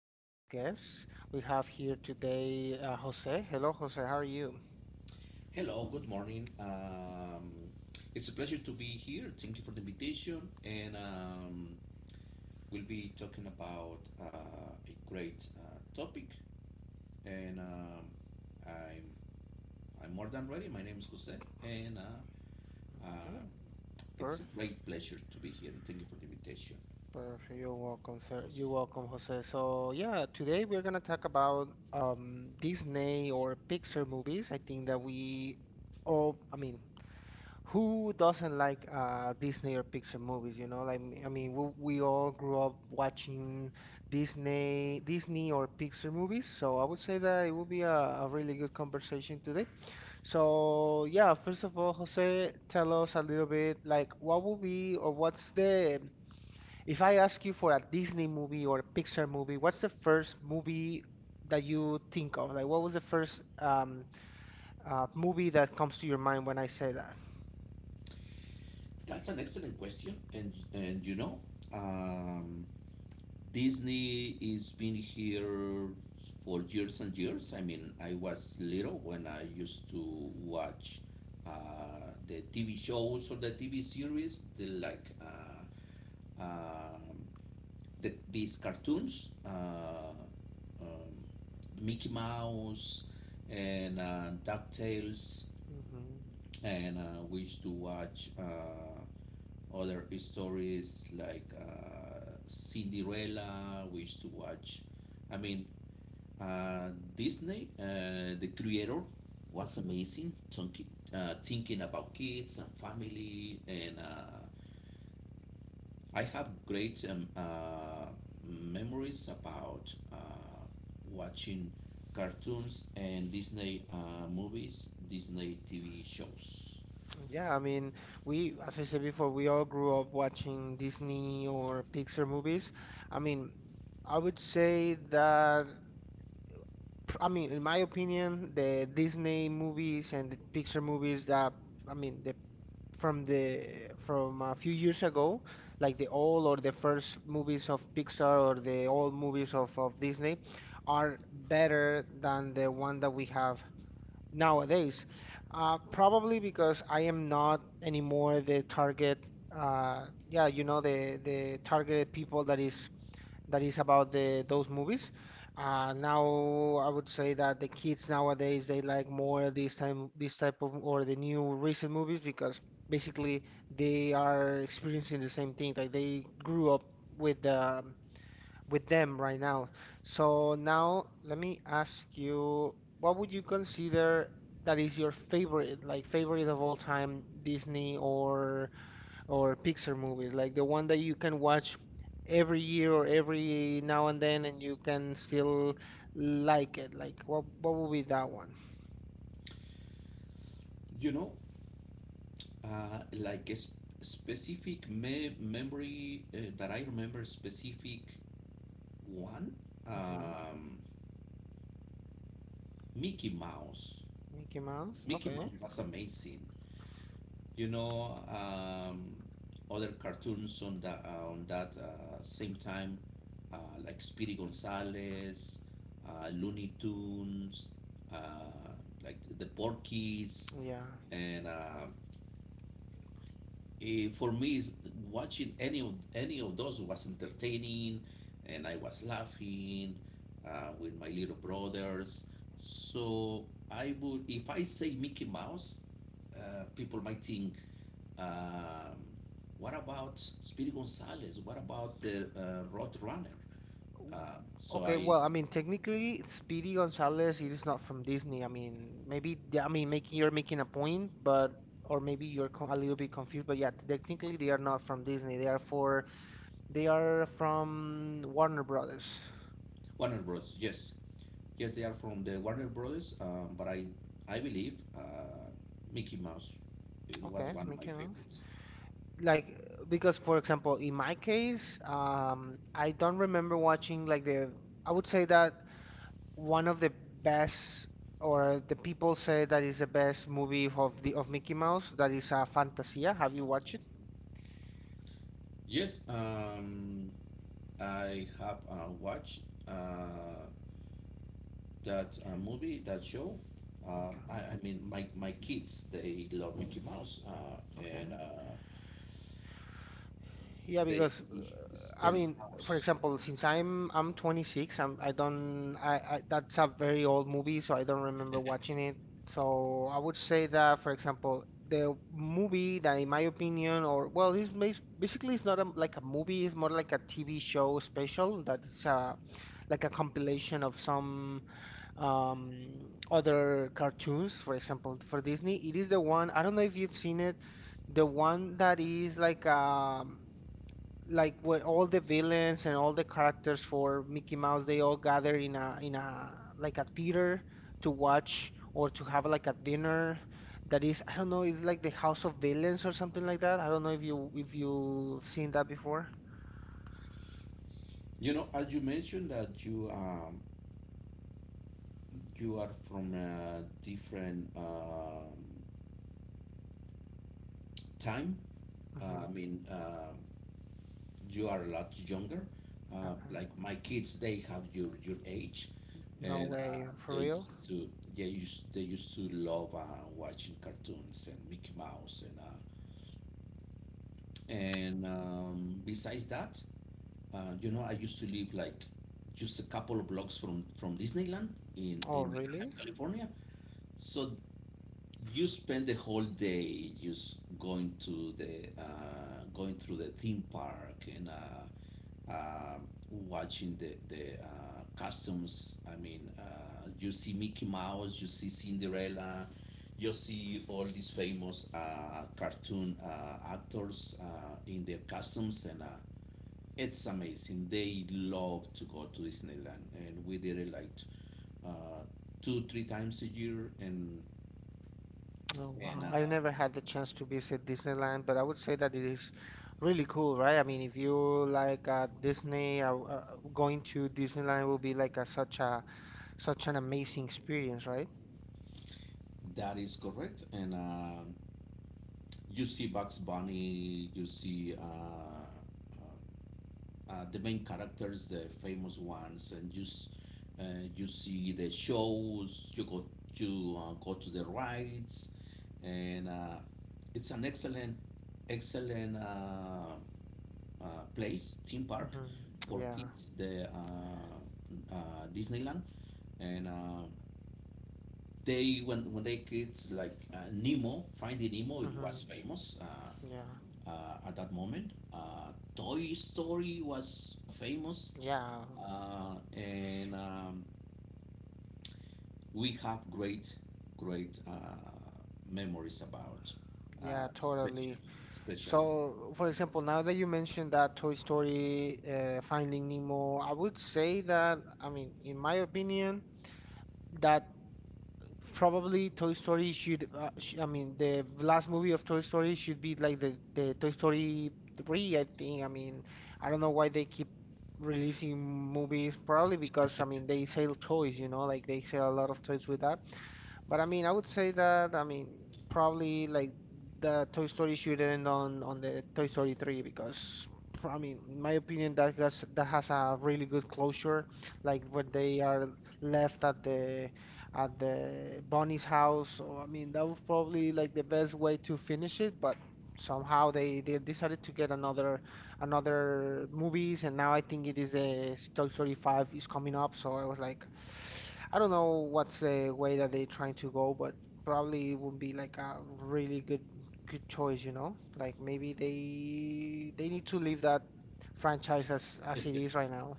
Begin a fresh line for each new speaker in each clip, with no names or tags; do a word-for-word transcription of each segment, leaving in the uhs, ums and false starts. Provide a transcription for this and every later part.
special guest. We have here today uh, Jose. Hello, Jose. How are you?
Hello, good morning. Um, it's a pleasure to be here. Thank you for the invitation. And um, we'll be talking about uh, a great uh, topic. And um, I'm, I'm more than ready. My name is Jose. And uh, uh,
Okay,
it's a
perfect.
great pleasure to be here. And thank you for the invitation,
Perfect. You're welcome, sir.
Jose.
You're welcome, Jose. So yeah, today we're gonna talk about um, Disney or Pixar movies. I think that we all, I mean, who doesn't like uh, Disney or Pixar movies? You know, like I mean, we, we all grew up watching Disney, Disney or Pixar movies. So I would say that it would be a, a really good conversation today. So yeah, first of all, Jose, tell us a little bit like what would be or what's the if I ask you for a Disney movie or a Pixar movie, what's the first movie that you think of? Like, what was the first um, uh, movie that comes to your mind when I say that?
That's an excellent question. And, and you know, um, Disney is been here for years and years. I mean, I was little when I used to watch uh, the T V shows or the T V series, the, like uh, um the, these cartoons, uh, um, Mickey Mouse and uh, DuckTales
Hmm.
and uh, we used to watch uh, other stories like uh, Cinderella. We used to watch, I mean, uh, Disney, uh, the creator was
Hmm.
amazing, thinking, uh, thinking about kids and family. And uh, I have great um, uh, memories about uh, watching cartoons and Disney uh, movies, Disney T V shows.
Yeah, I mean, we, as I said before, we all grew up watching Disney or Pixar movies. I mean, I would say that, pr- I mean, in my opinion, the Disney movies and the Pixar movies that, I mean, the from the from a few years ago, like the old or the first movies of Pixar or the old movies of, of Disney, are better than the one that we have nowadays. Uh, probably because I am not anymore the target. Uh, yeah, you know the the targeted people that is that is about the those movies. Uh, now I would say that the kids nowadays they like more this time this type of or the new recent movies because basically they are experiencing the same thing. Like they grew up with the with them right now. So now let me ask you, what would you consider that is your favorite, like favorite of all time Disney or or Pixar movies, like the one that you can watch every year or every now and then and you can still like it. Like what what would be that one?
You know, uh, like a sp- specific me- memory uh, that I remember specific one,
Hmm.
um, Mickey Mouse.
Mickey Mouse?
Mickey
Okay.
Mouse was amazing, you know. Um, other cartoons on that uh, on that uh, same time, uh, like Speedy Gonzales, uh, Looney Tunes, uh, like the Porkies,
Yeah.
and um, eh, for me, is watching any of any of those was entertaining, and I was laughing uh, with my little brothers. So I would, if I say Mickey Mouse, uh, people might think, um, what about Speedy Gonzales? What about the uh, roadrunner?
W-
Um, so
Okay,
I
well, I mean, technically, Speedy Gonzalez, it is not from Disney. I mean, maybe the- I mean, making you're making a point, but or maybe you're co- a little bit confused. But yeah, technically, they are not from Disney. They are for they are from Warner Brothers.
Warner Bros, yes. Yes, they are from the Warner Brothers, um, but i i believe uh, Mickey Mouse, it was
Okay,
one of my
Mickey Mouse.
favorites.
Like because for example, in my case, um, I don't remember watching like the. I would say that one of the best, or the people say that is the best movie of the of Mickey Mouse. That is uh, Fantasia. Have you watched it?
Yes, um, I have uh, watched uh, that uh,
Okay,
movie, that show. Uh, I,
okay,
I mean, my, my kids, they love Mickey Mouse, uh, and
okay.
uh,
Yeah,
they
because uh, I
spend
mean, for
hours.
example, since I'm I'm twenty-six, I'm I don't I, I that's a very old movie, so I don't remember watching it. So I would say that, for example, the movie that, in my opinion, or well, it's bas- basically it's not a, like a movie; it's more like a T V show special that's uh, like a compilation of some um, other cartoons, for example, for Disney. It is the one, I don't know if you've seen it, the one that is like um like where all the villains and all the characters for Mickey Mouse they all gather in a in a like a theater to watch or to have like a dinner that is I don't know it's like the House of Villains or something like that. I don't know if you if you've seen that before.
You know, as you mentioned that you um, you are from a different um, time. Uh,
Hmm.
I mean, uh, you are a lot younger. Uh,
Okay.
like my kids, they have your your age,
No
and
way,
uh,
for
they
real?
used to, yeah used, they used to love uh, watching cartoons and Mickey Mouse and uh, and um, besides that, uh, you know, I used to live like just a couple of blocks from from Disneyland in
Oh,
in Anaheim,
really?
California. So you spend the whole day just going to the uh, going through the theme park and uh, uh, watching the the uh, costumes. I mean, uh, you see Mickey Mouse, you see Cinderella, you see all these famous uh, cartoon uh, actors uh, in their costumes, and uh, it's amazing. They love to go to Disneyland, and we did it like t- uh, two, three times a year, and
Oh
and
wow, I've
uh,
never had the chance to visit Disneyland, but I would say that it is really cool, right? I mean, if you like uh, Disney, uh, uh, going to Disneyland will be like a, such a such an amazing experience, right?
that is correct. And uh, you see Bugs Bunny, you see uh, uh, uh, the main characters, the famous ones, and you, s- uh, you see the shows, you go, you, uh, go to the rides, and uh, it's an excellent, excellent uh, uh, place, theme park
Mm-hmm.
for
Yeah.
kids, the uh, uh, Disneyland. And uh, they, when when they kids like uh, Nemo, Finding Nemo, it
Mm-hmm.
was famous uh,
Yeah.
uh, at that moment. Uh, Toy Story was famous,
Yeah.
uh, and um, we have great great uh, memories about
Yeah,
uh, special
totally.
special.
So, for example, now that you mentioned that Toy Story, uh, Finding Nemo, I would say that, I mean, in my opinion, that probably Toy Story should, uh, sh I mean, the last movie of Toy Story should be like the, the Toy Story three, I think. I mean, I don't know why they keep releasing movies, probably because, I mean, they sell toys, you know, like they sell a lot of toys with that. But I mean, I would say that I mean probably like the Toy Story should end on on the Toy Story three because pr- I mean, in my opinion, that has that has a really good closure. Like when they are left at the at the Bonnie's house. So I mean, that was probably like the best way to finish it. But somehow they they decided to get another another movies, and now I think it is the Toy Story five is coming up. So I was like, I don't know what's the way that they're trying to go, but probably it would be like a really good good choice, you know? Like maybe they they need to leave that franchise as as it is right now.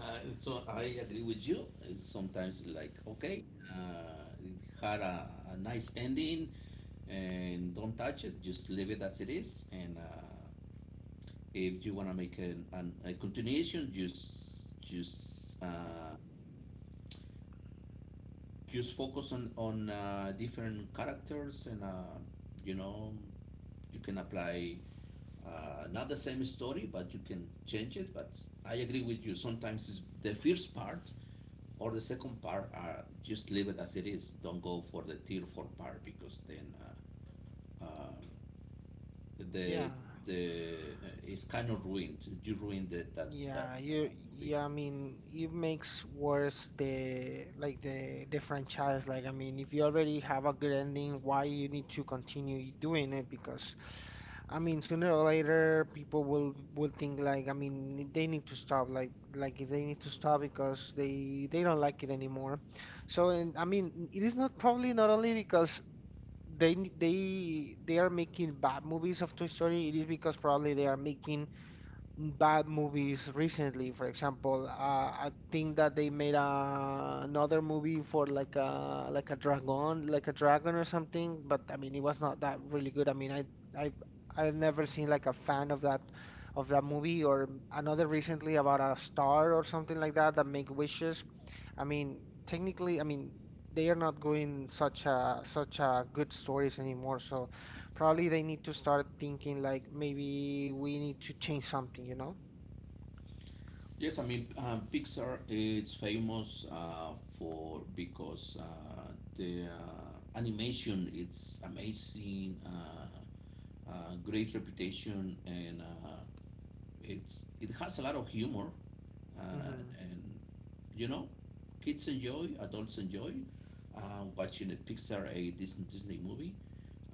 Uh, so I agree with you. It's sometimes like, okay, uh, it had a, a nice ending, and don't touch it. Just leave it as it is, and uh, if you want to make an, an, a continuation, just just uh, just focus on on uh, different characters and uh, you know, you can apply uh, not the same story, but you can change it. But I agree with you, sometimes it's the first part or the second part are, just leave it as it is, don't go for the tier four part, because then uh, uh,
Yeah.
the the uh, it's kind of ruined, you ruined it, that that
Yeah,
uh,
you
movie.
yeah, I mean, it makes worse the like the the franchise. Like, I mean, if you already have a good ending, why you need to continue doing it? Because I mean, sooner or later, people will will think like, I mean, they need to stop. Like, like if they need to stop because they they don't like it anymore. So, and I mean, it is not probably not only because they n- they they are making bad movies of Toy Story. It is because probably they are making bad movies recently. For example, uh, I think that they made a, another movie for like a like a dragon, like a dragon or something. But I mean, it was not that really good. I mean, I I I've never seen like a fan of that of that movie or another recently about a star or something like that that make wishes. I mean, technically, I mean, they are not going such a such a good stories anymore. So probably they need to start thinking like maybe we need to change something, you know?
Yes, I mean, um, Pixar is famous uh, for, because uh, the uh, animation, it's amazing, uh, uh, great reputation, and uh, it's it has a lot of humor, uh,
Hmm.
and you know, kids enjoy, adults enjoy uh, watching a Pixar, a Disney Disney movie,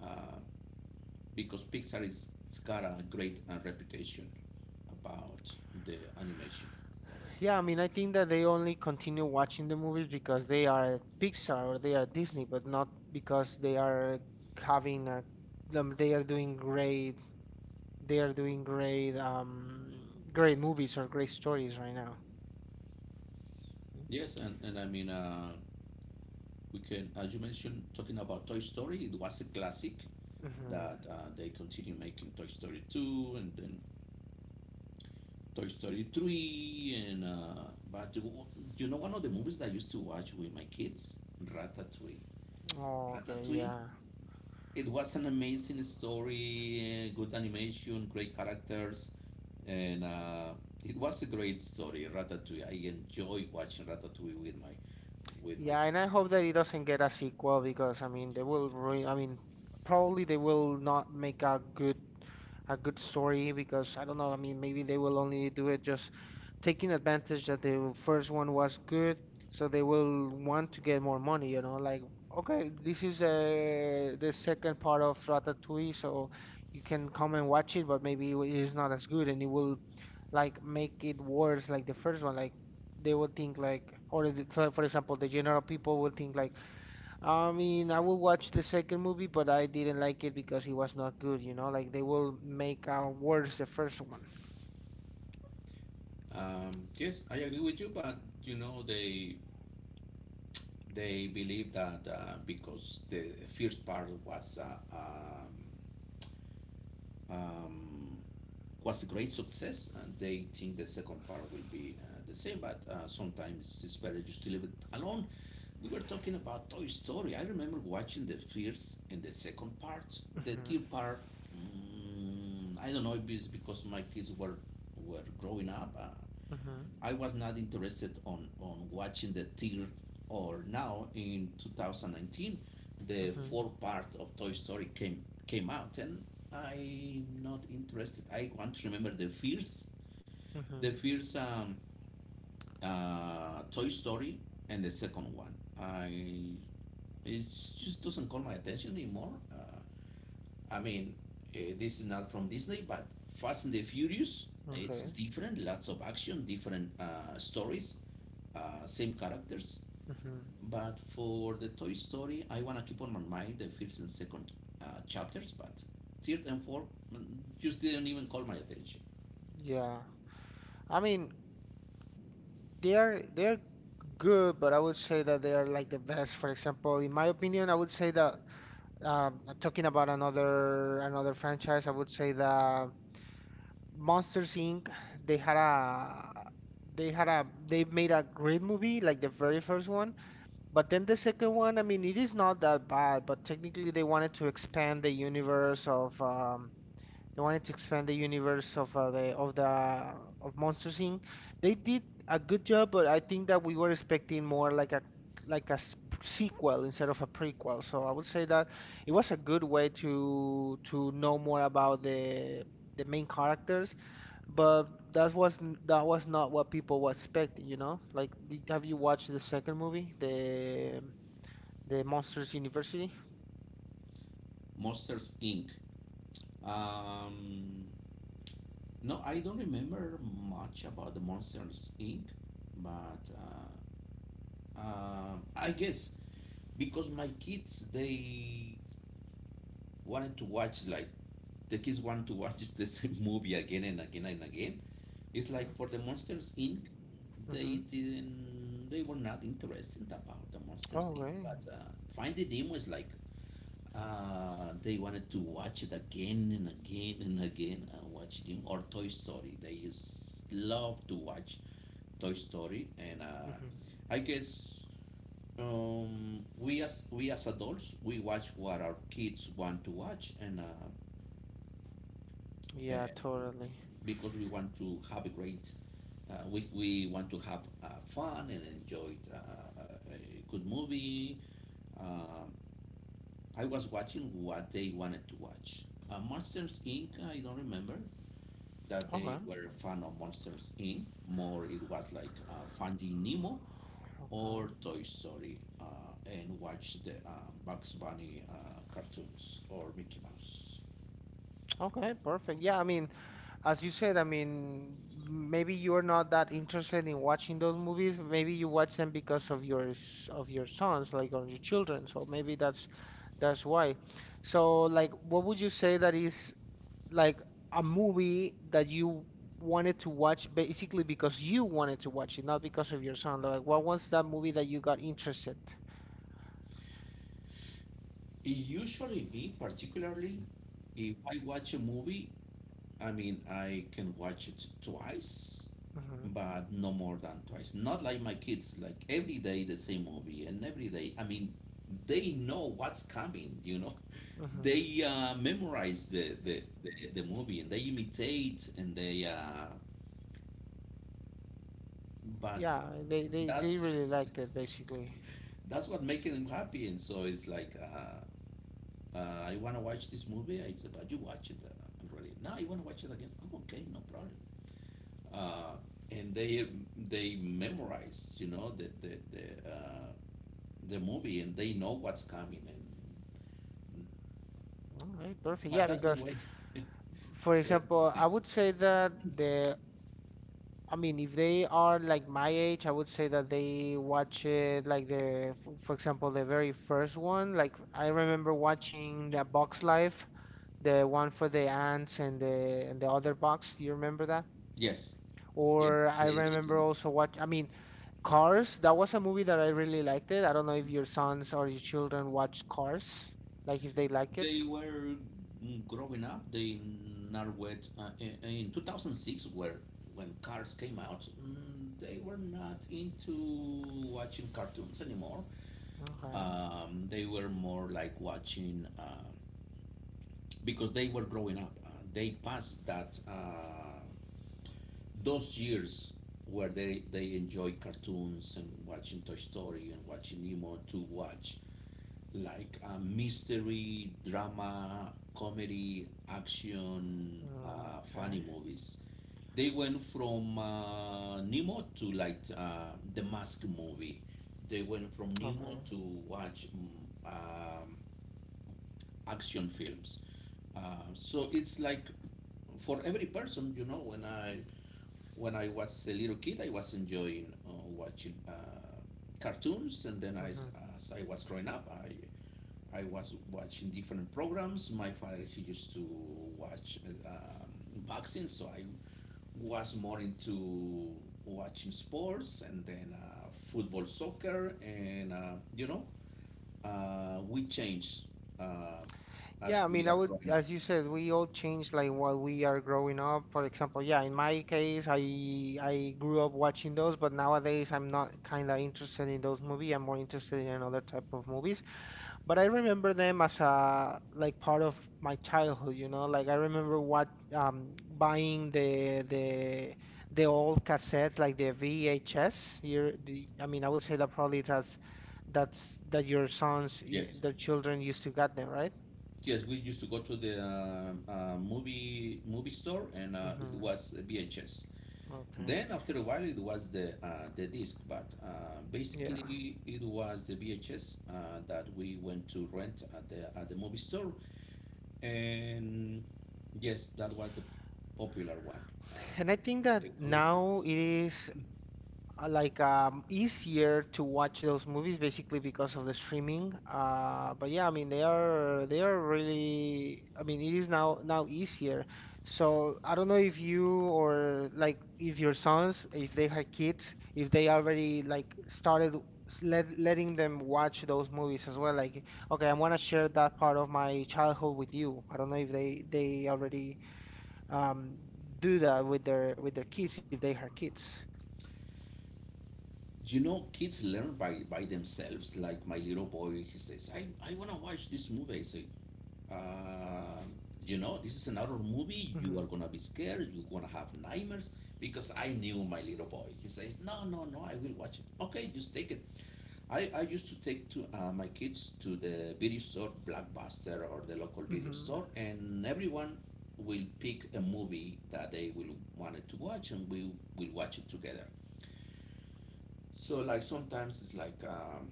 uh, because Pixar is, it's got a great uh, reputation about the animation.
Yeah, I mean, I think that they only continue watching the movies because they are Pixar or they are Disney, but not because they are having a, um, they are doing great, they are doing great, um, great movies or great stories right now.
Yes, and, and I mean, uh, we can, as you mentioned, talking about Toy Story, it was a classic
Mm-hmm.
that uh, they continue making Toy Story two and then Toy Story three. And uh, but you know, one of the movies that I used to watch with my kids, Ratatouille.
Oh, okay,
Ratatouille.
yeah.
It was an amazing story, uh, good animation, great characters, and uh, it was a great story. Ratatouille. I enjoy watching Ratatouille with my with my
Yeah, and I
kids.
hope that it doesn't get a sequel because I mean they will ruin. I mean, probably they will not make a good a good story because I don't know. I mean, maybe they will only do it just taking advantage that the first one was good, so they will want to get more money. You know, like okay, this is uh, the second part of Ratatouille, so you can come and watch it, but maybe it is not as good, and it will like make it worse like the first one. Like they will think like, or the, for, for example, the general people will think like, I mean, I will watch the second movie, but I didn't like it because it was not good, you know? Like they will make out worse the first one.
Um, yes, I agree with you, but you know, they they believe that uh, because the first part was uh, um, um, was a great success, and they think the second part will be uh, the same. But uh, sometimes it's better just to leave it alone. We were talking about Toy Story. I remember watching the first and the second part. The
Mhm,
third part, mm, I don't know if it's because my kids were were growing up. Uh,
mhm,
I was not interested on on watching the tier, or now in two thousand nineteen the
mhm,
fourth part of Toy Story came came out, and I'm not interested. I want to remember the first, the
mhm.
first um, uh, Toy Story and the second one. I It just doesn't call my attention anymore. Uh, I mean, uh, this is not from Disney, but Fast and the Furious. It's
Okay.
different. Lots of action, different uh, stories, uh, same characters.
Mhm.
But for the Toy Story, I wanna keep on my mind the first and second uh, chapters, but third and fourth, mm, just didn't even call my attention.
Yeah. I mean, they are they're good, but I would say that they are like the best. For example, in my opinion, I would say that um, talking about another another franchise, I would say that Monsters inc. They had a they had a they made a great movie like the very first one, but then the second one, I mean, it is not that bad, but technically they wanted to expand the universe of um they wanted to expand the universe of uh, the of the of Monsters inc. They did a good job, but I think that we were expecting more like a like a s- sequel instead of a prequel. So I would say that it was a good way to to know more about the the main characters but that was n- that was not what people were expecting, you know? Like, did- have you watched the second movie, the the Monsters University?
Monsters Inc. Um, no, I don't remember much about the Monsters Inc. But uh, uh, I guess because my kids, they wanted to watch like, the kids wanted to watch the same movie again and again and again. It's
Okay.
like for the Monsters Inc.
Mm-hmm.
They didn't. They were not interested about the Monsters Incorporated.
Okay.
But uh, Finding Nemo is like, uh, they wanted to watch it again and again and again and watch it. Or Toy Story. They just love to watch Toy Story. And uh,
Mm-hmm.
I guess um, we as, we as adults, we watch what our kids want to watch. and uh,
Yeah,
and
totally.
because we want to have a great, Uh, we, we want to have uh, fun and enjoy uh, uh, a good movie. Um I was watching what they wanted to watch. Uh, Monsters Inc. I don't remember that
Okay.
they were a fan of Monsters Inc. More it was like uh, Finding Nemo
Okay.
or Toy Story, uh, and watch the uh, Bugs Bunny uh, cartoons or Mickey Mouse.
Okay, perfect. Yeah, I mean, as you said, I mean, maybe you're not that interested in watching those movies. Maybe you watch them because of your s- of your sons, like on your children. So maybe that's that's why. So, like, what would you say that is like a movie that you wanted to watch basically because you wanted to watch it, not because of your son. Like, what was that movie that you got interested?
It usually, me particularly, if I watch a movie, I mean, I can watch it twice,
Hmm.
but no more than twice. Not like my kids, like every day the same movie, and every day, I mean, they know what's coming, you know?
Hmm.
They uh, memorize the, the, the, the movie, and they imitate, and they, uh, but
Yeah, they, they, they
that's
really liked it basically.
that's what making them happy. And so it's like, uh, uh, I want to watch this movie. I said, but you watch it uh, already. Now you want to watch it again? Oh, okay, no problem. Uh, and they they memorize, you know, the the, the uh, the movie, and they know what's coming, and
All right, perfect.
but
Yeah,
that's the
because
way for
for
entertainment.
example, I would say that the I mean, if they are like my age, I would say that they watch it like the, f- for example, the very first one. Like I remember watching the Box Life, the one for the ants and the and the other box. Do you remember that?
Yes, yes,
Or I
they
remember also what I mean, Cars. That was a movie that I really liked it. I don't know if your sons or your children watch Cars, like if they like it.
they were growing up. They are with uh, in, in two thousand six where, when cars came out, mm, they were not into watching cartoons anymore.
Okay.
Um, they were more like watching uh, because they were growing up. Uh, they passed that uh, those years where they, they enjoy cartoons and watching Toy Story and watching Nemo, to watch like a mystery, drama, comedy, action, uh, funny
Okay.
movies. They went from uh, Nemo to like uh, the Mask movie. They went from Nemo
Okay.
to watch, mm, um, action films. Uh, so it's like for every person, you know, when I when I was a little kid, I was enjoying uh, watching uh, cartoons, and then I,
Hmm.
as I was growing up, I I was watching different programs. My father, he used to watch uh, um, boxing, so I was more into watching sports, and then uh, football, soccer, and uh, you know, uh, we changed uh, as
Yeah, I
we
mean, I
are
would,
growing up.
as you said, we all change like while we are growing up. For example, yeah, in my case, I I grew up watching those, but nowadays I'm not kind of interested in those movies. I'm more interested in another type of movies. But I remember them as a like part of my childhood, you know. Like I remember what um, buying the the the old cassettes, like the V H S. Your the I mean, I would say that probably that's that's that your sons, y-
Yes.
their children used to get them, right?
Yes, we used to go to the um uh, movie movie store, and uh, it
Mm-hmm.
was V H S.
Okay.
Then after a while, it was the uh, the disc. But uh,
Yeah.
basically, it was the V H S uh, that we went to rent at the at the movie store, and yes, that was the popular one. Uh,
And I think
the
that
technology
now
was
it
that
is uh, like um, easier to watch those movies basically because of the streaming. Uh, but yeah, I mean they are they are really. I mean it is now now easier. So I don't know if you or like if your sons, if they have kids, if they already like started s- let, letting them watch those movies as well. Like okay, I want to share that part of my childhood with you. I don't know if they they already um, do that with their with their kids if they have kids.
you know kids learn by by themselves. Like my little boy, he says i i want to watch this movie. I say, um, you know, this is another movie.
Hmm.
You are gonna be scared. You're gonna have nightmares because I knew my little boy. He says, no, no, no, I will watch it. Okay, just take it. I, I used to take to uh, my kids to the video store, Blockbuster or the local video
Hmm.
store, and everyone will pick a movie that they will wanted to watch, and we will watch it together. So like sometimes it's like um,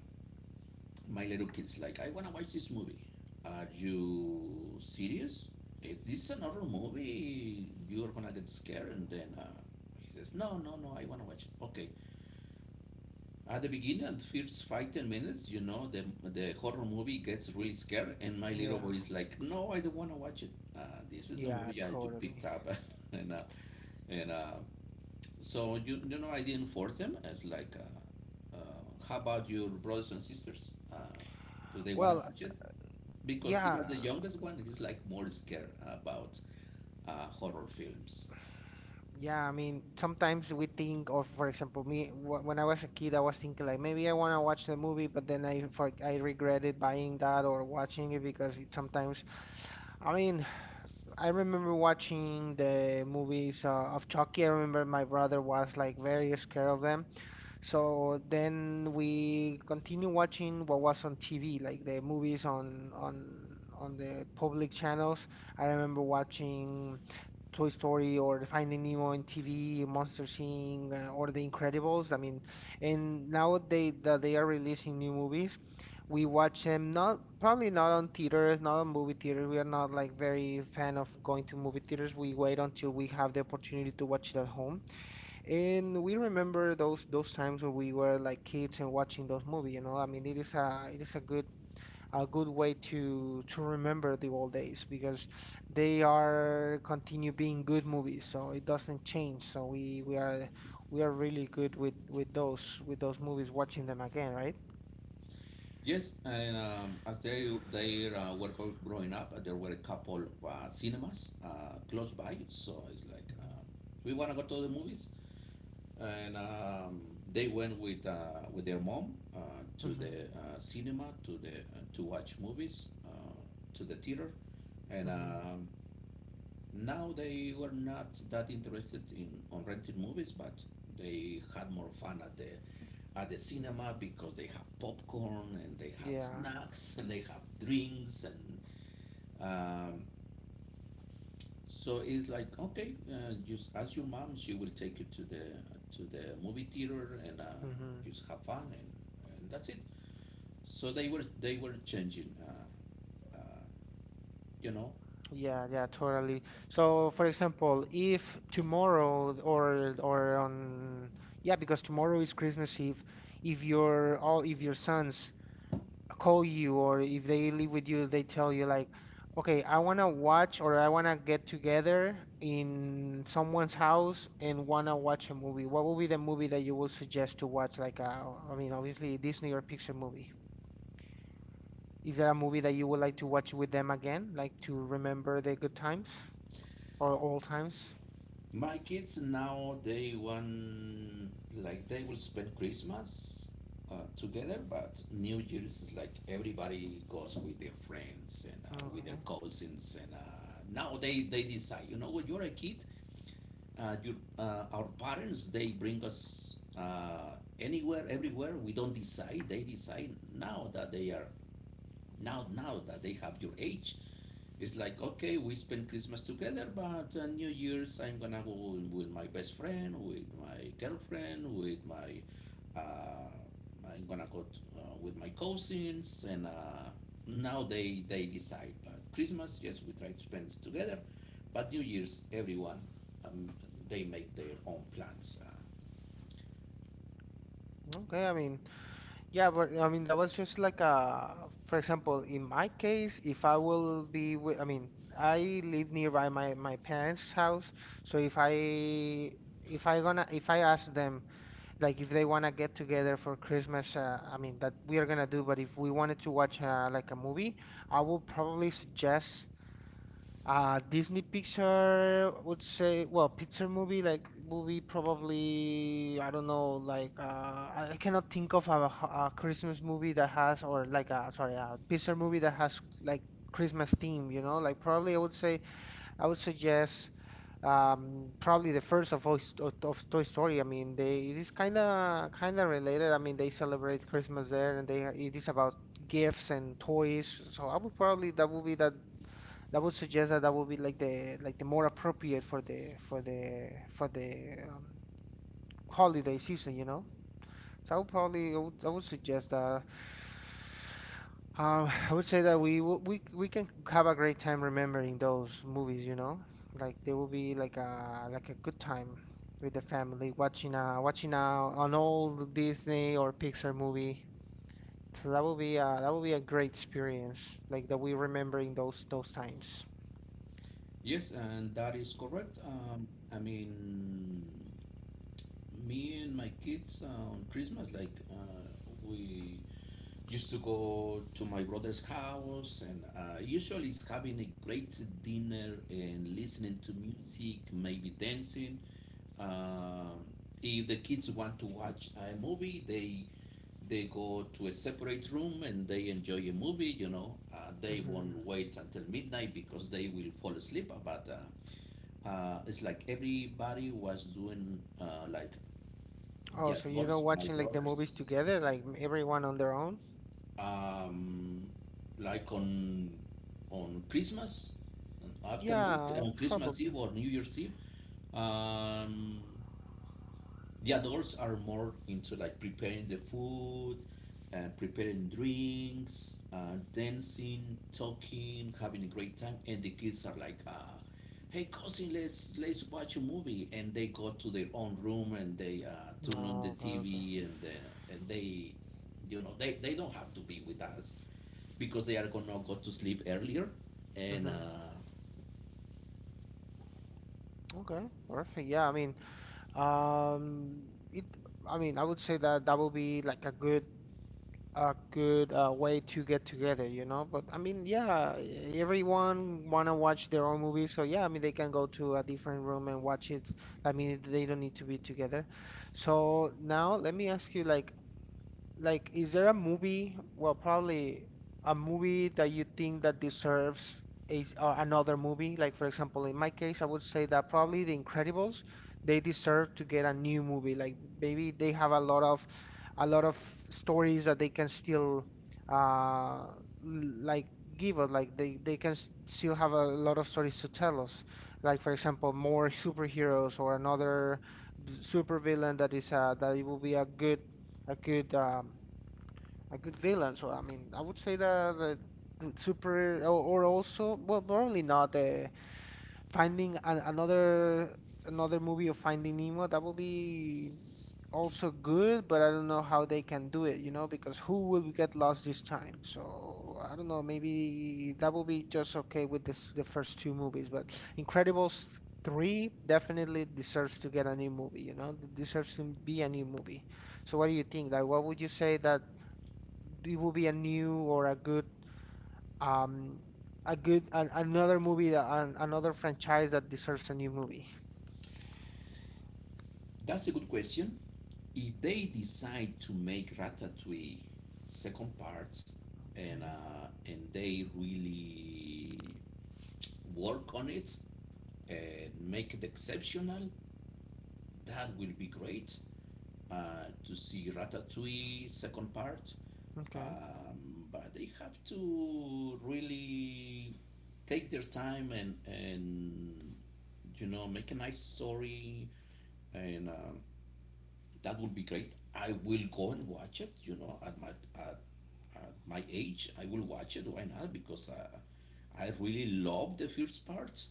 my little kid's like, I wanna watch this movie. Are you serious? Is this another movie? You're gonna get scared. And then uh, he says, no, no, no, I wanna watch it. Okay. At the beginning, first five, ten minutes, you know, the, the horror movie gets really scared. And my little boy
Yeah,
is like, no, I don't wanna watch it. Uh, this is the
yeah,
movie I just picked
totally.
up. and uh, and uh, so, you, you know, I didn't force them. It's like, uh, uh, how about your brothers and sisters? Uh, do they wanna
Well,
watch it? Because he
yeah,
was the youngest one. He's like more scared about uh, horror films.
yeah. I mean, sometimes we think of, for example, me wh- when I was a kid, I was thinking like maybe I want to watch the movie, but then I for, I regretted buying that or watching it because it sometimes. I mean, I remember watching the movies uh, of Chucky. I remember my brother was like very scared of them. So then we continue watching what was on T V, like the movies on on on the public channels. I remember watching Toy Story or Finding Nemo on T V, Monster Inc uh, or The Incredibles. I mean, and now they that they are releasing new movies, we watch them not probably not on theaters, not on movie theaters. We are not like very fan of going to movie theaters. We wait until we have the opportunity to watch it at home. And we remember those those times when we were like kids and watching those movies, you know. I mean, it is a it is a good a good way to to remember the old days because they are continue being good movies, so it doesn't change. So we we are we are really good with with those with those movies watching them again, right?
Yes, and um, as they they uh, were gro- growing up, uh, there were a couple of uh, cinemas uh, close by. So it's like
Mhm.
uh, we want to go to the movies, and um, they went with uh, with their mom uh, to
Mm-hmm.
the uh, cinema, to the uh, to watch movies uh, to the theater, and
Mm-hmm.
um, now they were not that interested in on renting movies, but they had more fun at the at the cinema because they have popcorn and they have
Yeah.
snacks and they have drinks, and um, so it's like okay, uh, just ask your mom; she will take you to the to the movie theater, and uh,
Mm-hmm.
just have fun, and, and that's it. So they were they were changing, uh, uh, you know.
Yeah, yeah, totally. So, for example, if tomorrow or or on yeah, because tomorrow is Christmas Eve, if your all if your sons call you or if they live with you, they tell you like, okay, I wanna watch or I wanna get together in someone's house and wanna watch a movie. What would be the movie that you would suggest to watch? Like, uh, I mean, obviously Disney or Pixar movie. Is there a movie that you would like to watch with them again, like to remember the good times? Or all times?
My kids now, they want like they will spend Christmas uh, together, but New Year's is like everybody goes with their friends, and uh, with their
Okay.
cousins, and uh, now they they decide. You know, when you're a kid, uh, your uh, our parents, they bring us uh, anywhere, everywhere. We don't decide; they decide. Now that they are now now that they have your age, it's like, okay, we spend Christmas together, but uh, New Year's I'm gonna go with my best friend, with my girlfriend, with my, uh, I'm gonna go to, uh, with my cousins, and uh, now they they decide. But Christmas, yes, we try to spend it together, but New Year's, everyone, um, they make their own plans. Uh,
Okay, I mean, yeah, but I mean, that was just like a, for example, in my case, if I will be with, I mean, I live nearby my my parents' house, so if I if I gonna if I ask them like if they wanna get together for Christmas, uh, I mean that we are gonna do, but if we wanted to watch uh, like a movie, I will probably suggest Uh, Disney picture would say, well, picture movie like movie probably I don't know like uh, I I cannot think of a, h- a Christmas movie that has or like a sorry a picture movie that has like Christmas theme you know like probably I would say I would suggest um, probably the first of, Ois- of, of Toy Story I mean they it is kind of kind of related I mean they celebrate Christmas there and they it is about gifts and toys so I would probably that would be that that would suggest that that would be like the like the more appropriate for the for the for the um, holiday season, you know. So I would probably I would, I would suggest that um, I would say that we w- we we can have a great time remembering those movies, you know. Like they will be like a like a good time with the family watching a watching a, an old Disney or Pixar movie. So that will be uh that will be a great experience, like that we remembering those those times.
yes, and that is correct. Um, I mean, me and my kids uh, on Christmas, like uh, we used to go to my brother's house, and uh, usually it's having a great dinner and listening to music, maybe dancing. um, if the kids want to watch a movie, they they go to a separate room and they enjoy a movie, you know. Uh, they won't
Hmm.
wait until midnight because they will fall asleep, uh, but uh, uh, it's like everybody was doing uh, like the
Oh, so you know
adults, my
watching like the movies
brothers,
together, like m- everyone on their own?
um, like on on Christmas, on afternoon,
Yeah,
on Christmas
probably.
Eve or New Year's Eve, um, the adults are more into like preparing the food, uh, preparing drinks, uh, dancing, talking, having a great time, and the kids are like, uh, "Hey cousin, let's let's watch a movie," and they go to their own room and they uh, turn on
No,
the
okay, okay.
T V, and uh, and they, you know, they, they don't have to be with us because they are gonna go to sleep earlier. And
Mm-hmm.
uh,
Okay, perfect. Yeah, I mean, um, it. I mean, I would say that that would be like a good, a good uh, way to get together, you know. But I mean, yeah, e- everyone wanna watch their own movie, so yeah, I mean, they can go to a different room and watch it. I mean, they don't need to be together. So now let me ask you, like, Like, is there a movie? Well, probably a movie that you think that deserves a, s- uh, another movie. Like, for example, in my case, I would say that probably The Incredibles, they deserve to get a new movie. Like, maybe they have a lot of a lot of stories that they can still uh l- like give us. Like, they they can s- still have a lot of stories to tell us. Like, for example, more superheroes or another b- supervillain that is uh that it will be a good a good um a good villain. So I mean, I would say that the the super or, or also well, probably not uh, finding an, another another movie of Finding Nemo. That would be also good, but I don't know how they can do it, you know, because who will get lost this time? So I don't know. Maybe that will be just okay with this the first two movies, but Incredibles three definitely deserves to get a new movie, you know, deserves to be a new movie. So what do you think? Like, what would you say that? It will be a new or a good um a good an, another movie that an, another franchise that deserves a new movie.
that's a good question. If they decide to make Ratatouille second part, and
Okay,
uh, and they really work on it and make it exceptional, that will be great. Uh, to see Ratatouille second part,
okay,
um, but they have to really take their time, and and you know, make a nice story, and um, that would be great. I will go and watch it. You know, at my at, at my age, I will watch it. Why not? Because I I really love the first part.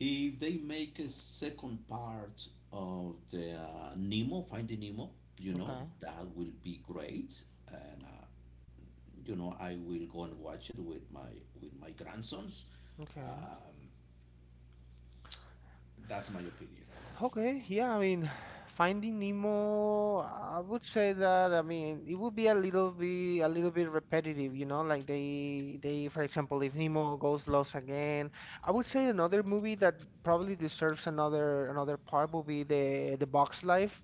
If they make a second part of the uh, Nemo, Finding Nemo, you know,
okay,
that will be great. And, uh, you know, I will go and watch it with my with my grandsons.
okay.
Um, that's my opinion.
Okay. Yeah, I mean, Finding Nemo. I would say that I mean it would be a little bit a little bit repetitive, you know. Like they they for example, if Nemo goes lost again, I would say another movie that probably deserves another another part would be the the Box Life.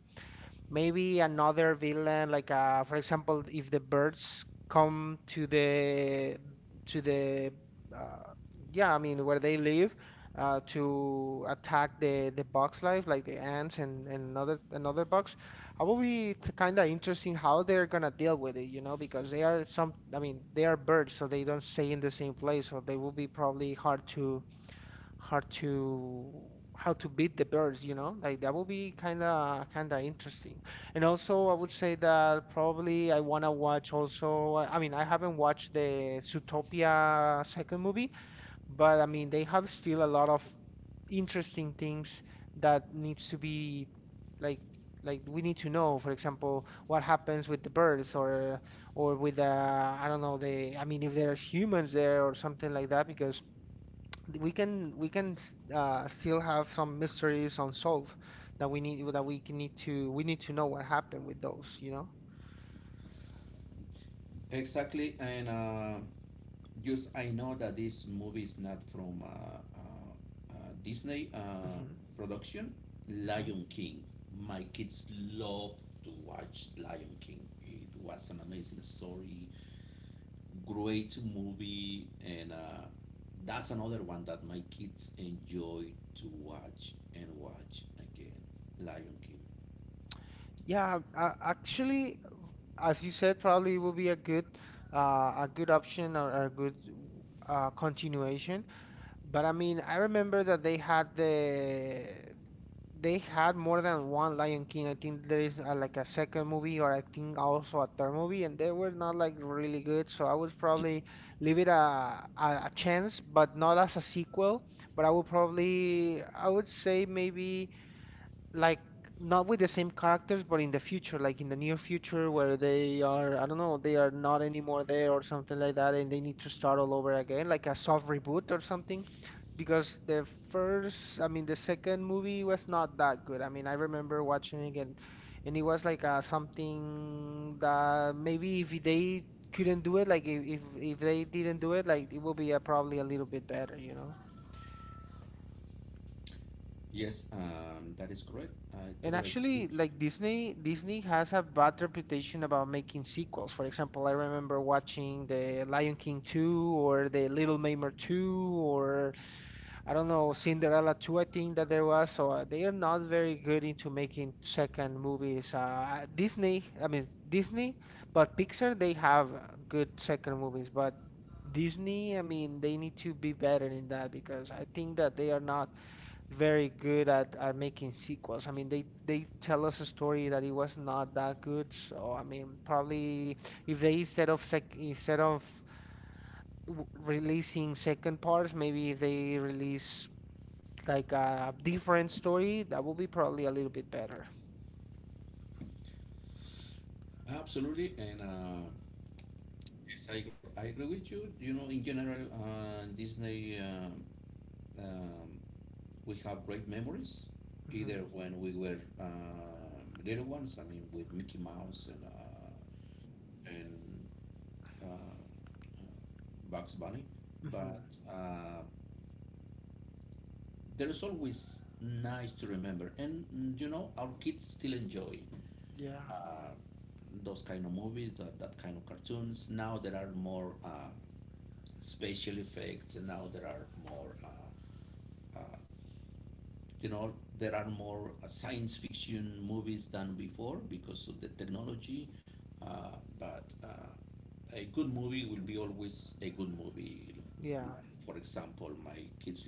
Maybe another villain like uh, for example if the birds come to the to the uh, yeah I mean where they live uh, to attack the the box life like the ants and, and another another box I will be kind of interesting how they're gonna deal with it you know because they are some I mean they are birds so they don't stay in the same place so they will be probably hard to hard to how to beat the birds, you know? Like that would be kind of kind of interesting. And also, I would say that probably I want to watch also I I mean, I haven't watched the Zootopia second movie, but I mean, they have still a lot of interesting things that needs to be like like we need to know, for example, what happens with the birds or or with the I don't know, the I mean, if there's humans there or something like that because we can we can uh, still have some mysteries unsolved that we need that we can need to we need to know what happened with those, you know?
Exactly. And uh, just, I know that this movie is not from uh, uh, uh, Disney uh,
Hmm.
production.
Hmm.
Lion King. My kids love to watch Lion King. It was an amazing story, great movie, and uh, that's another one that my kids enjoy to watch and watch again, Lion King.
Yeah, uh, actually, as you said, probably will be a good uh, a good option or, or a good uh, continuation. But I mean, I remember that they had the they had more than one Lion King. I think there is uh like a second movie or I think also a third movie, and they were not like really good. So I would probably leave it a a, a chance, but not as a sequel. But I would probably I would say maybe like not with the same characters, but in the future, like in the near future, where they are, I don't know, they are not anymore there or something like that, and they need to start all over again, like a soft reboot or something. Because the first, I mean, the second movie was not that good. I mean, I remember watching it and, and it was like uh, something that maybe if they couldn't do it, like if, if if they didn't do it, like it would be uh, probably a little bit better, you know?
Yes, um, that is correct, I
And
totally agree
actually,
with you.
like Disney, Disney has a bad reputation about making sequels. For example, I remember watching the Lion King two or the Little Mermaid two or I don't know, Cinderella two, I think that there was. So uh, they are not very good into making second movies. Uh, Disney, I mean Disney, but Pixar, they have uh, good second movies, but Disney, I mean, they need to be better in that because I think that they are not very good at, at making sequels. I mean, they, they tell us a story that it was not that good. So, I mean, probably if they instead of sec instead of w- releasing second parts, maybe if they release like a different story, that would be probably a little bit better.
Absolutely, and uh, yes, I, I agree with you. You know, in general, uh, Disney, um, um, we have great memories, either
hmm
when we were um little ones, I mean, with Mickey Mouse and uh, and uh, Bugs Bunny, but
hmm
uh, there's always nice to remember. And mm, you know, our kids still enjoy
Yeah.
uh, those kind of movies, that, that kind of cartoons. Now there are more uh, special effects, and now there are more, uh, uh, you know, there are more uh, science fiction movies than before because of the technology. Uh, but uh, a good movie will be always a good movie.
Yeah.
Like, for example, my kids,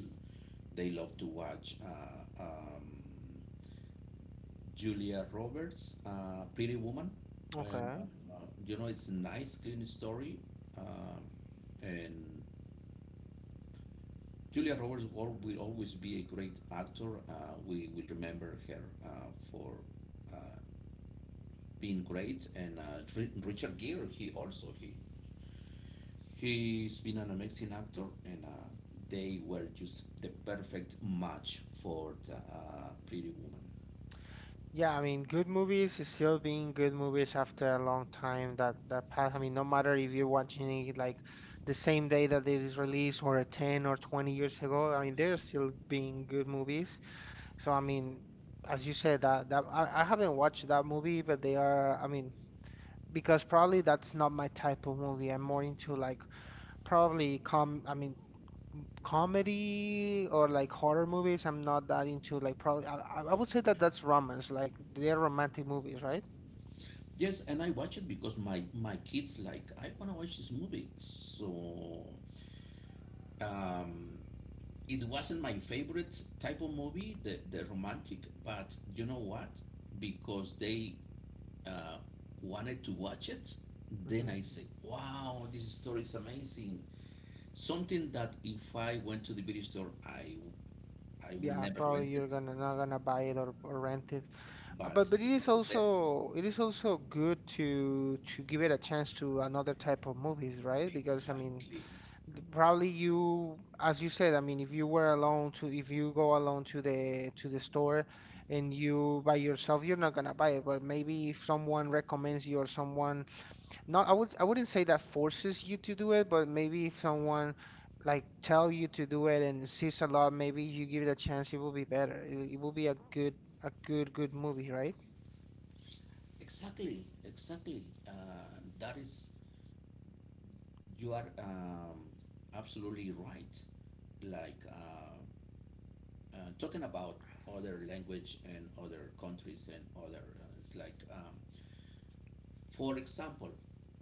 they love to watch uh, um, Julia Roberts, uh, Pretty Woman, and
Okay.
um, uh, you know, it's a nice, clean story. Uh, and Julia Roberts will, will always be a great actor. Uh, we will remember her uh, for uh, being great. And uh, Richard Gere, he also he he's been an amazing actor, and uh, they were just the perfect match for the, uh, Pretty Woman.
Yeah, I mean, good movies is still being good movies after a long time that that pass. I mean, no matter if you're watching it like the same day that it is released or ten or twenty years ago, I mean, they're still being good movies. So, I mean, as you said, that that I, I haven't watched that movie, but they are, I mean, because probably that's not my type of movie. I'm more into like probably com, I mean, comedy or like horror movies. I'm not that into like probably I, I I would say that that's romance, like they're romantic movies, right?
Yes, and I watch it because my my kids like, I want to watch this movie. So um, it wasn't my favorite type of movie, the the romantic. But you know what? Because they uh, wanted to watch it, then
Hmm.
I said, "Wow, this story is amazing." Something that if I went to the video store, I I would
Yeah,
never
probably
rent
you're
it,
gonna not gonna buy it or, or rent it. Uh, But
but
but it is
because of them,
also it is also good to to give it a chance to another type of movies, right? Because I mean,
exactly.
th- probably you, as you said, I mean, if you were alone to if you go alone to the to the store and you by yourself, you're not gonna buy it. But maybe if someone recommends you or someone not, I would, I wouldn't say that forces you to do it, but maybe if someone like tell you to do it and sees a lot, maybe you give it a chance, it will be better. It, it will be a good, a good, good movie, right?
Exactly, exactly. Uh, that is, you are um, absolutely right. Like uh, uh, talking about other language and other countries and other, uh, it's like, um, for example,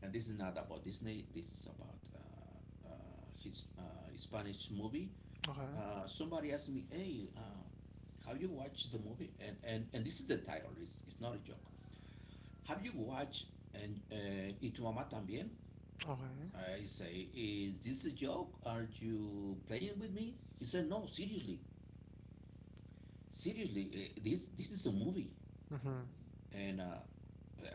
and this is not about Disney. This is about uh, uh, his uh, Spanish movie.
Okay.
Uh, somebody asked me, "Hey, uh, have you watched the movie?" And and, and this is the title. It's, it's not a joke. Have you watched and uh, Y tu mamá también?
Okay.
I say, is this a joke? Are you playing with me? He said, no, seriously. Seriously, eh, this this is a movie.
Mhm.
And uh,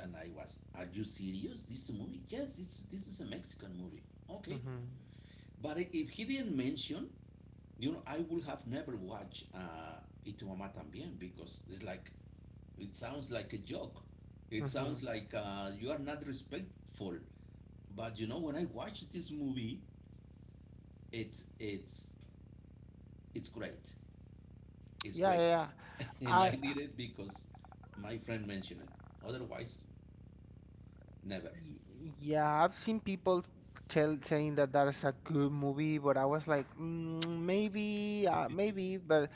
and I was, are you serious? This is a movie? Yes, it's, this is a Mexican movie. Okay.
Mhm.
But if he didn't mention, you know, I would have never watched uh, Y tu mamá también, because it's like, it sounds like a joke. It sounds
Mhm.
like uh, you are not respectful. But you know, when I watch this movie, it's it's it's great. Is
Yeah, yeah,
great.
yeah.
and
I,
I
I-
did it because my friend mentioned it. Otherwise, never.
y- yeah, I've seen people tell saying that that is a good movie, but I was like, mm, maybe, uh, maybe. But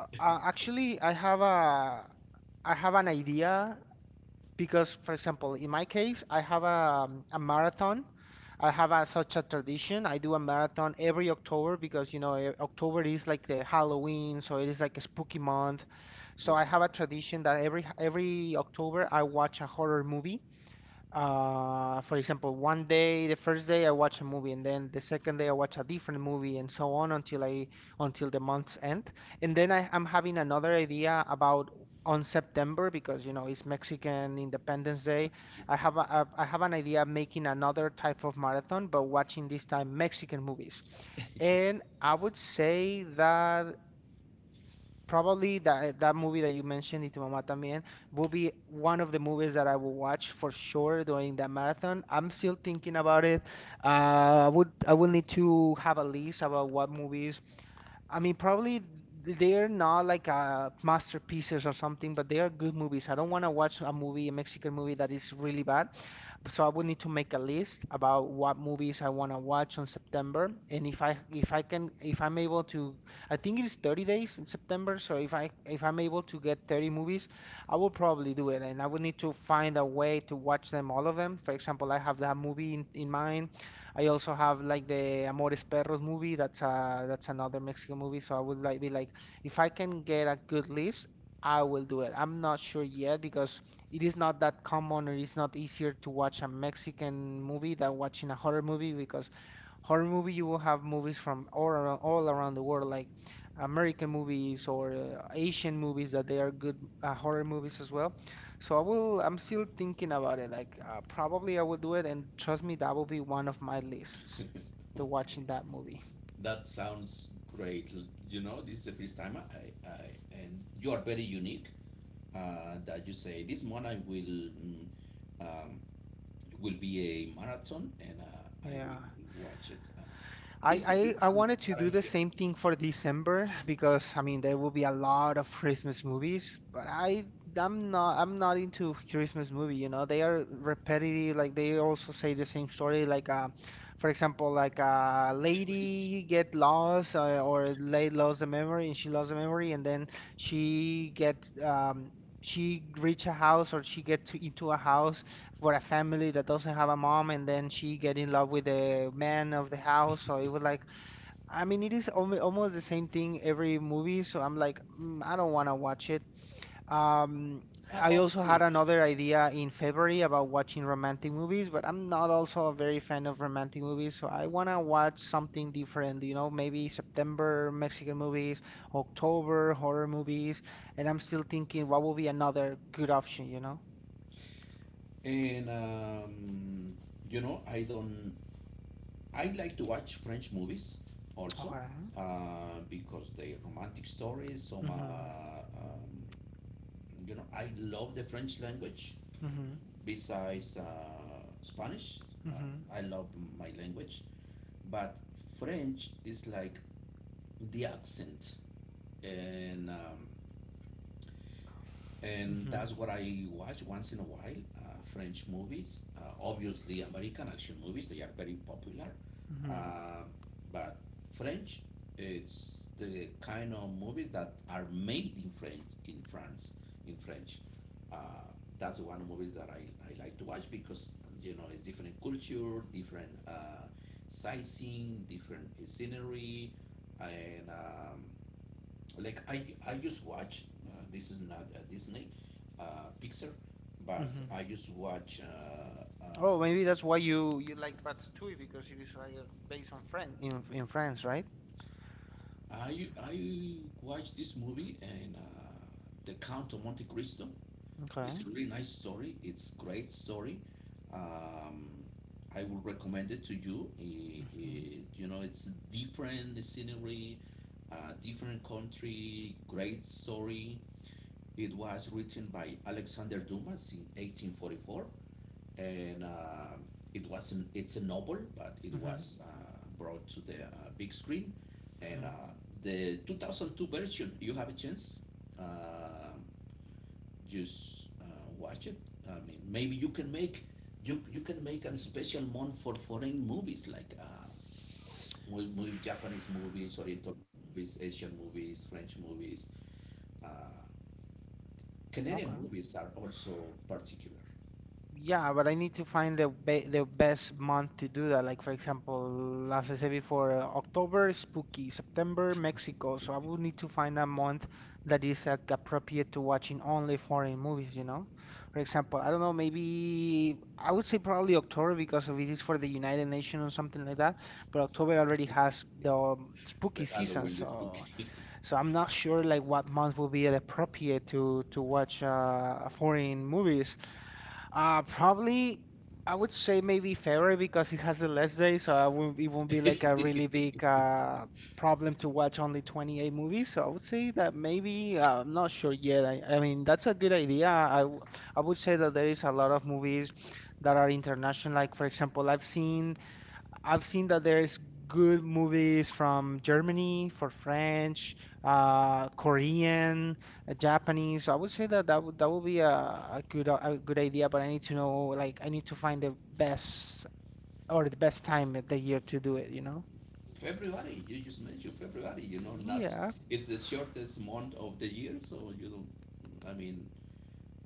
uh, uh, actually, I have a, I have an idea because for example in my case I have a, um, a marathon. I have a, such a tradition. I do a marathon every October because you know eh, October is like the Halloween, so it is like a spooky month. So I
Yes.
have a tradition that every every October I watch a horror movie. Uh, for example, one day, the first day I watch a movie, and then the second day I watch a different movie, and so on until I until the month's end. And then I, I'm having another idea about on September because you know it's Mexican Independence Day.
Tradition.
I have a, a, I have an idea of making another type of marathon, but watching this time Mexican movies. And I would say that probably that that movie that you mentioned, Y tu mamá también, will be one of the movies that I will watch for sure during that marathon. I'm still thinking about it. Uh, I would I will need to have a list about what movies I mean, probably th- they're not like uh, masterpieces or something, but they are good movies. I don't want to watch a movie, a Mexican movie that is really bad. So I would need to make a list about what movies I want to watch on September. And if I if I can if I'm able to, I think it is thirty days in September. So if I if I'm able to get thirty movies, I will probably do it. And I would need to find a way to watch them all of them. For example, I have that movie in, in mind. I also have like the Amores Perros movie. That's a that's another Mexican movie. So I would like be like, if I can get a good list, I will do it. I'm not sure yet because it is not that common or it's not easier to watch a Mexican movie than watching a horror movie because horror movie, you will have movies from all around, all around the world, like American movies or uh, Asian movies that they are good uh, horror movies as well. So I will, I'm still thinking about it. Like uh, probably I will do it, and trust me, that will be one of my lists, the
Okay.
watching that movie.
That sounds great. L- You know, this is the first time I, I and you are very unique. Uh, that you say this month I will mm, um, will be a marathon, and uh, I
Yeah.
will watch it. Uh,
I,
this is the first
I I
time
wanted to
that I
do the
hear
same
it.
thing for December because I mean there will be a lot of Christmas movies, but I I'm not I'm not into Christmas movie, you know. They are repetitive, like they also say the same story like uh for example like a lady get lost uh, or lady lost the memory and she lost the memory and then she get um she reach a house or she get to into a house for a family that doesn't have a mom and then she get in love with the man of the house, so it was like, I mean it is almo- almost the same thing every movie. So I'm like, mm, I don't want to watch it. um
How
I
about the
also had
Grinch?
another idea in February about watching romantic movies but I'm not also a very fan of romantic movies so I want to watch something different, you know? Maybe September Mexican movies, October horror movies, and I'm still thinking what would be another good option, you know?
And um, you know, I don't I like to watch French movies also,
Okay.
uh, because they are romantic stories. Some,
hmm
uh, um, you know, I love the French language.
hmm
Besides uh, Spanish, uh,
Mhm,
I love my language, but French is like the accent, and um, and
mhm,
that's what I watch once in a while. Uh, French movies, uh, obviously American action movies, they are very popular.
mhm,
Uh, but French, it's the kind of movies that are made in French, in France, in French. Uh, that's one of the movies that I, I like to watch because, you know, it's different culture, different uh, sizing, different scenery, and um, like I I just watch. Uh, this is not a Disney, uh, Pixar, but
mhm.
I just watch. Uh,
Oh,
uh,
maybe that's why you you like Ratatouille because it is like uh, based on France in in France, right?
I I watch this movie, and uh, the Count of Monte Cristo.
Okay.
It's a really nice story. It's great story. Um, I would recommend it to you. I-
Mhm,
I- you know, it's different scenery, uh, different country, great story. It was written by Alexander Dumas in eighteen forty-four. And um it wasn't it's a novel, but it
mhm,
was uh, brought to the uh, big screen. And
mhm.
uh, the two thousand two version, you have a chance uh, just uh, watch it. I mean maybe you can make you, you can make a special month for foreign movies like uh, mo- mo- Japanese movies, oriental movies, Asian movies, French movies, uh, Canadian
Okay.
movies are also particular.
Yeah, but I need to find the be the best month to do that. Like for example, as I said before, uh, October is spooky, September Mexico. So I would need to find a month that is uh, appropriate to watching only foreign movies, you know? For example, I don't know, maybe I would say probably October because if it is for the United Nations or something like that, but October already has the um, spooky
The
season,
Halloween, the
so
spooky.
so I'm not sure like what month will be appropriate to to watch uh, foreign movies. Uh, probably I would say maybe February because it has the less days, so I won't, it won't be like a really big uh, problem to watch only twenty-eight movies. So I would say that maybe uh, I'm not sure yet. I, I mean that's a good idea. I w- I would say that there is a lot of movies that are international. Like for example, I've seen I've seen that there's good movies from Germany for French, uh, Korean, uh, Japanese. I would say that that would that would be a, a good uh, a good idea, but I need to know like I need to find the best or the best time of the year to do it, you know?
February, you just mentioned February, you know, not,
Yeah.
it's the shortest month of the year, so you don't, I mean,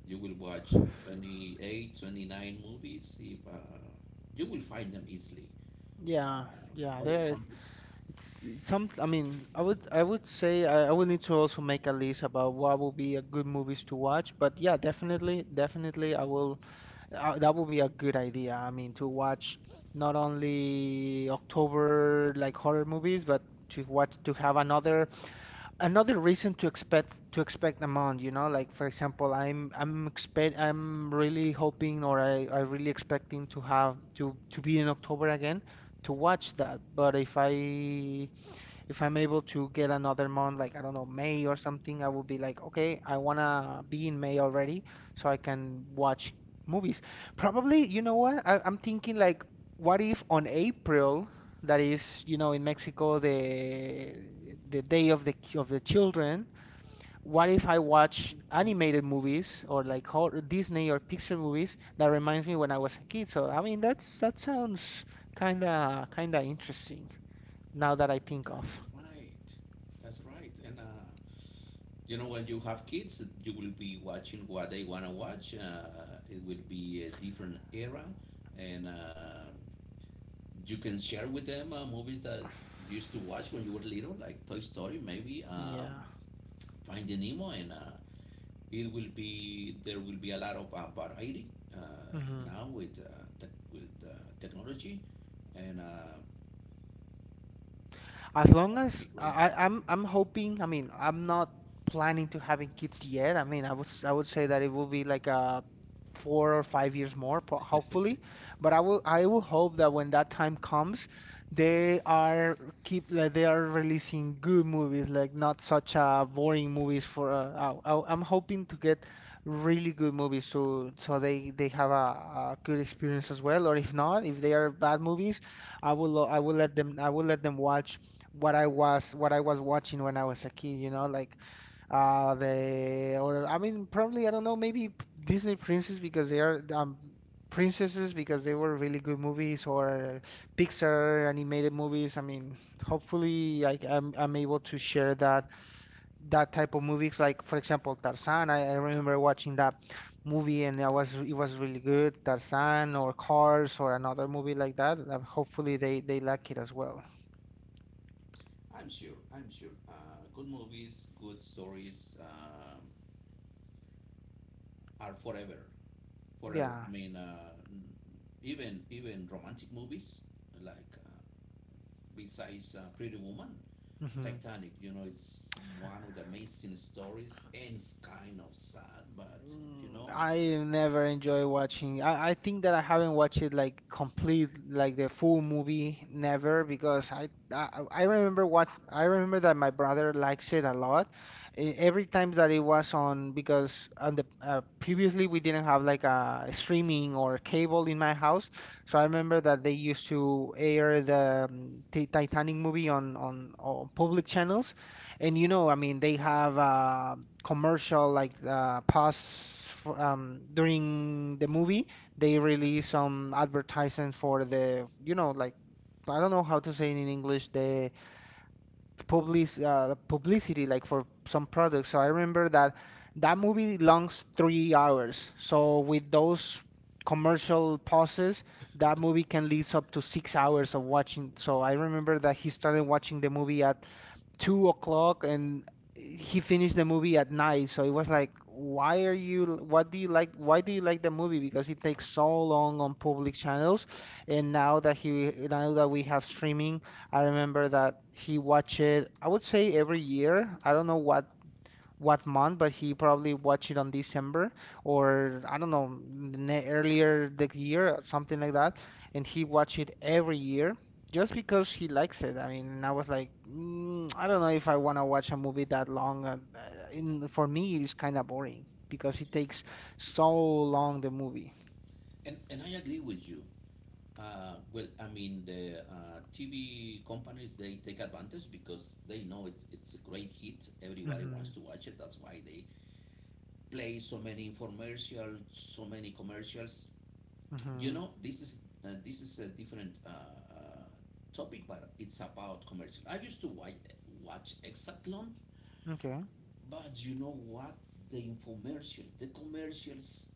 you will watch twenty eight twenty nine movies if uh, you will find them easily. Uh,
Yeah, yeah,
Other
there
countries.
it's it's some I mean, I would I would say I, I would need to also make a list about what will be a good movies to watch, but yeah, definitely, definitely I will Uh, that would be a good idea. I mean, to watch not only October like horror movies, but to watch to have another another reason to expect to expect a month, you know? Like for example, I'm I'm expect I'm really hoping or I I really expecting to have to to be in October again to watch that. But if I if I'm able to get another month, like I don't know, May or something, I will be like, okay, I wanna be in May already so I can watch movies. Probably, you know what? I, I'm thinking like, what if on April, that is, you know, in Mexico, the the day of the of the children, what if I watch
Okay,
animated movies or like horror, Disney or Pixar movies that reminds me when I was a kid? So I mean, that's that sounds kinda kinda interesting now that I think of.
that's right. That's right. And, uh, you know, when you have kids, you will be watching what they want to watch. Uh, it will be a different era. And uh, you can share with them uh, movies that you used to watch when you were little, like Toy Story, maybe um,
Yeah.
Finding Nemo, and uh, it will be there will be a lot of uh, variety uh,
Hmm.
now with uh, tech with uh, technology, and uh,
As
that
long
will
as
be great.
I, I- I'm, I'm hoping. I mean, I'm not planning to having kids yet. I mean, I was, I would say that it will be like a four or five years more, po- hopefully. But I will, I will hope that when that time comes, they are keep like they are releasing good movies, like not such uh boring movies for. Uh, I, I- I'm hoping to get really good movies so so they they have a, a good experience as well. Or if not, if they are bad movies. I will lo- I will let them I will let them watch what I was what I was watching when I was a kid, you know, like uh the or I mean probably I don't know maybe p- Disney Princess because they are um princesses because they were really good movies or Pixar animated movies. I mean, hopefully I, I'm I'm able to share that that type of movies like for example Tarzan. I, I remember watching that movie and I was it was really good. Tarzan or Cars or another movie like that. Uh, Hopefully they they like it as well.
I'm sure. I'm sure. Uh, good movies, good stories, um are forever, forever. I
Yeah.
mean, uh, even even romantic movies like uh, besides uh, Pretty Woman,
Mm-hmm.
Titanic, you know, it's one of the amazing stories, and it's kind of sad, but you
Mm,
know.
I never enjoy watching. I, I think that I haven't watched it like complete, like the full movie, never, because I I, I remember what I remember that my brother likes it a lot. E- Every time that it was on, because on the uh, previously we didn't have like a streaming or cable in my house, so I remember that they used to air the um, Ti- Titanic movie on on, on public channels, and you know, I mean, they have uh, commercial like uh, pause for, um, during the movie. They release some advertisement for the, you know, like I don't know how to say it in English, the public uh, publicity like for some products. So I remember that that movie longs three hours. So with those commercial pauses, that movie can lead up to six hours of watching. So I remember that he started watching the movie at two o'clock and he finished the movie at night. So it was like, why are you, what do you like, why do you like the movie? Because it takes so long on public channels. And now that he, now that we have streaming, I remember that he watched it, I would say every year. I don't know what what month, but he probably watched it on December or I don't know, ne earlier the year, something like that. And he watched it every year just because he likes it. I mean, and I was like, mm, I don't know if I want to watch a movie that long. And uh, in, for me, it's kind of boring because it takes so long the movie.
And, and I agree with you. Uh, well, I mean, the uh, T V companies, they take advantage because they know it's, it's a great hit. Everybody wants
Mhm.
to watch it. That's why they play so many infomercials, so many commercials. You
Mhm.
know, this is uh, this is a different uh, uh, topic, but it's about commercial. I used to watch, watch Exatlon.
Okay.
But you know what? The infomercial, the commercials,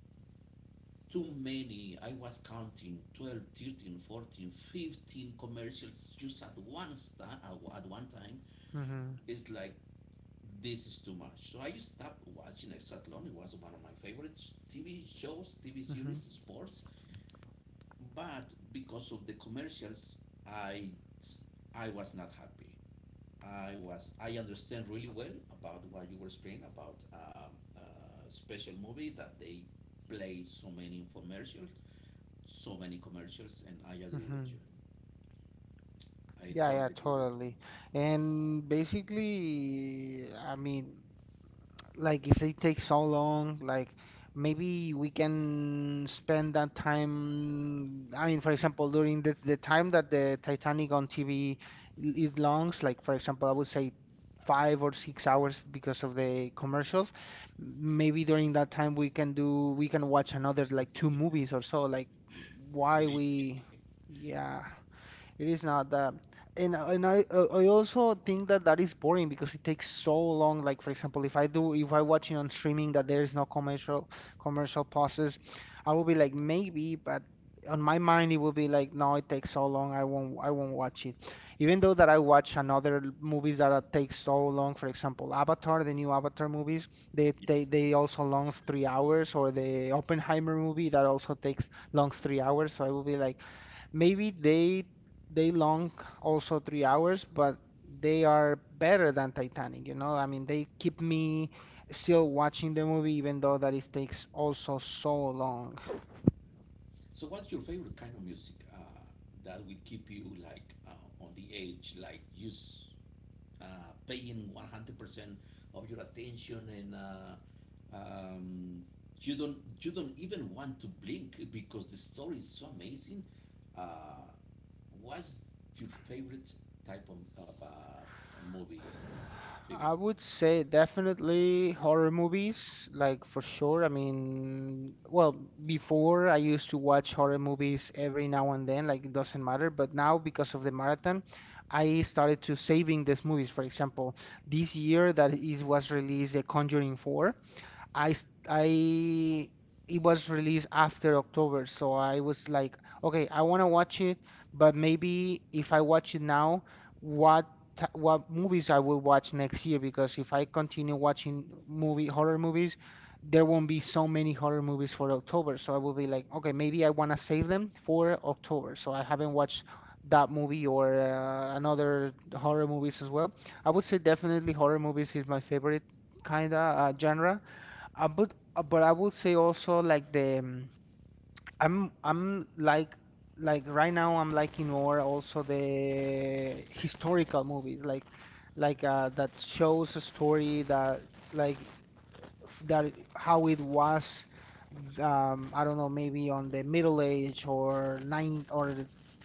too many. I was counting twelve, thirteen, fourteen, fifteen commercials just at one star at one time.
Mhm.
It's like, this is too much. So I stopped watching Exatlon. It was one of my favorite T V shows, T V series,
Mhm.
sports. But because of the commercials, I I was not happy. I was I understand really well about what you were explaining about um, uh, special movie that they play so many infomercials, so many commercials, and I agree with you.
Mhm.
I
Yeah, yeah,
totally agree with you.
totally. And basically, I mean, like if they take so long, like maybe we can spend that time. I mean, for example, during the the time that the Titanic on T V is longs, like for example, I would say five or six hours because of the commercials. Maybe during that time we can do we can watch another like two movies or so. Like why we, yeah. It is not that, and I- and I uh, I also think that that is boring because it takes so long. Like for example, if I do if I watch it on streaming that there is no commercial commercial pauses, I will be like maybe, but on my mind it will be like no, it takes so long. I won't I won't watch it. Even though that I watch another l- movies that are- take so long. For example, Avatar, the new Avatar movies, they they
Yes.
they also longs three hours, or the Oppenheimer movie that also takes longs three hours. So I will be like. Maybe they they long also three hours, but they are better than Titanic, you know? I mean, they keep me still watching the movie even though that it takes also so long.
So, what's your favorite kind of music, uh, that will keep you like uh, on the edge, like just uh, paying one hundred percent of your attention, and uh, um, you don't you don't even want to blink because the story is so amazing. uh, what's your favorite type of, of uh, a movie, film.
I would say definitely horror movies, like for sure. I mean, well, before I used to watch horror movies every now and then, like it doesn't matter, but now because of the marathon, I started to saving these movies. For example, this year that is was released The Conjuring four. I s- I it was released after October, so I was like, okay, I want to watch it, but maybe if I watch it now, what t- what movies I will watch next year? Because if I continue watching movie horror movies, there won't be so many horror movies for October. So I will be like, okay, maybe I want to save them for October. So I haven't watched that movie or uh, another horror movies as well. I would say definitely horror movies is my favorite kinda uh, genre. I would, uh, but I would say also like the um, I'm I'm like like right now I'm liking more also the historical movies like like uh, that shows a story that like that how it was um, I don't know, maybe on the Middle Age or nine or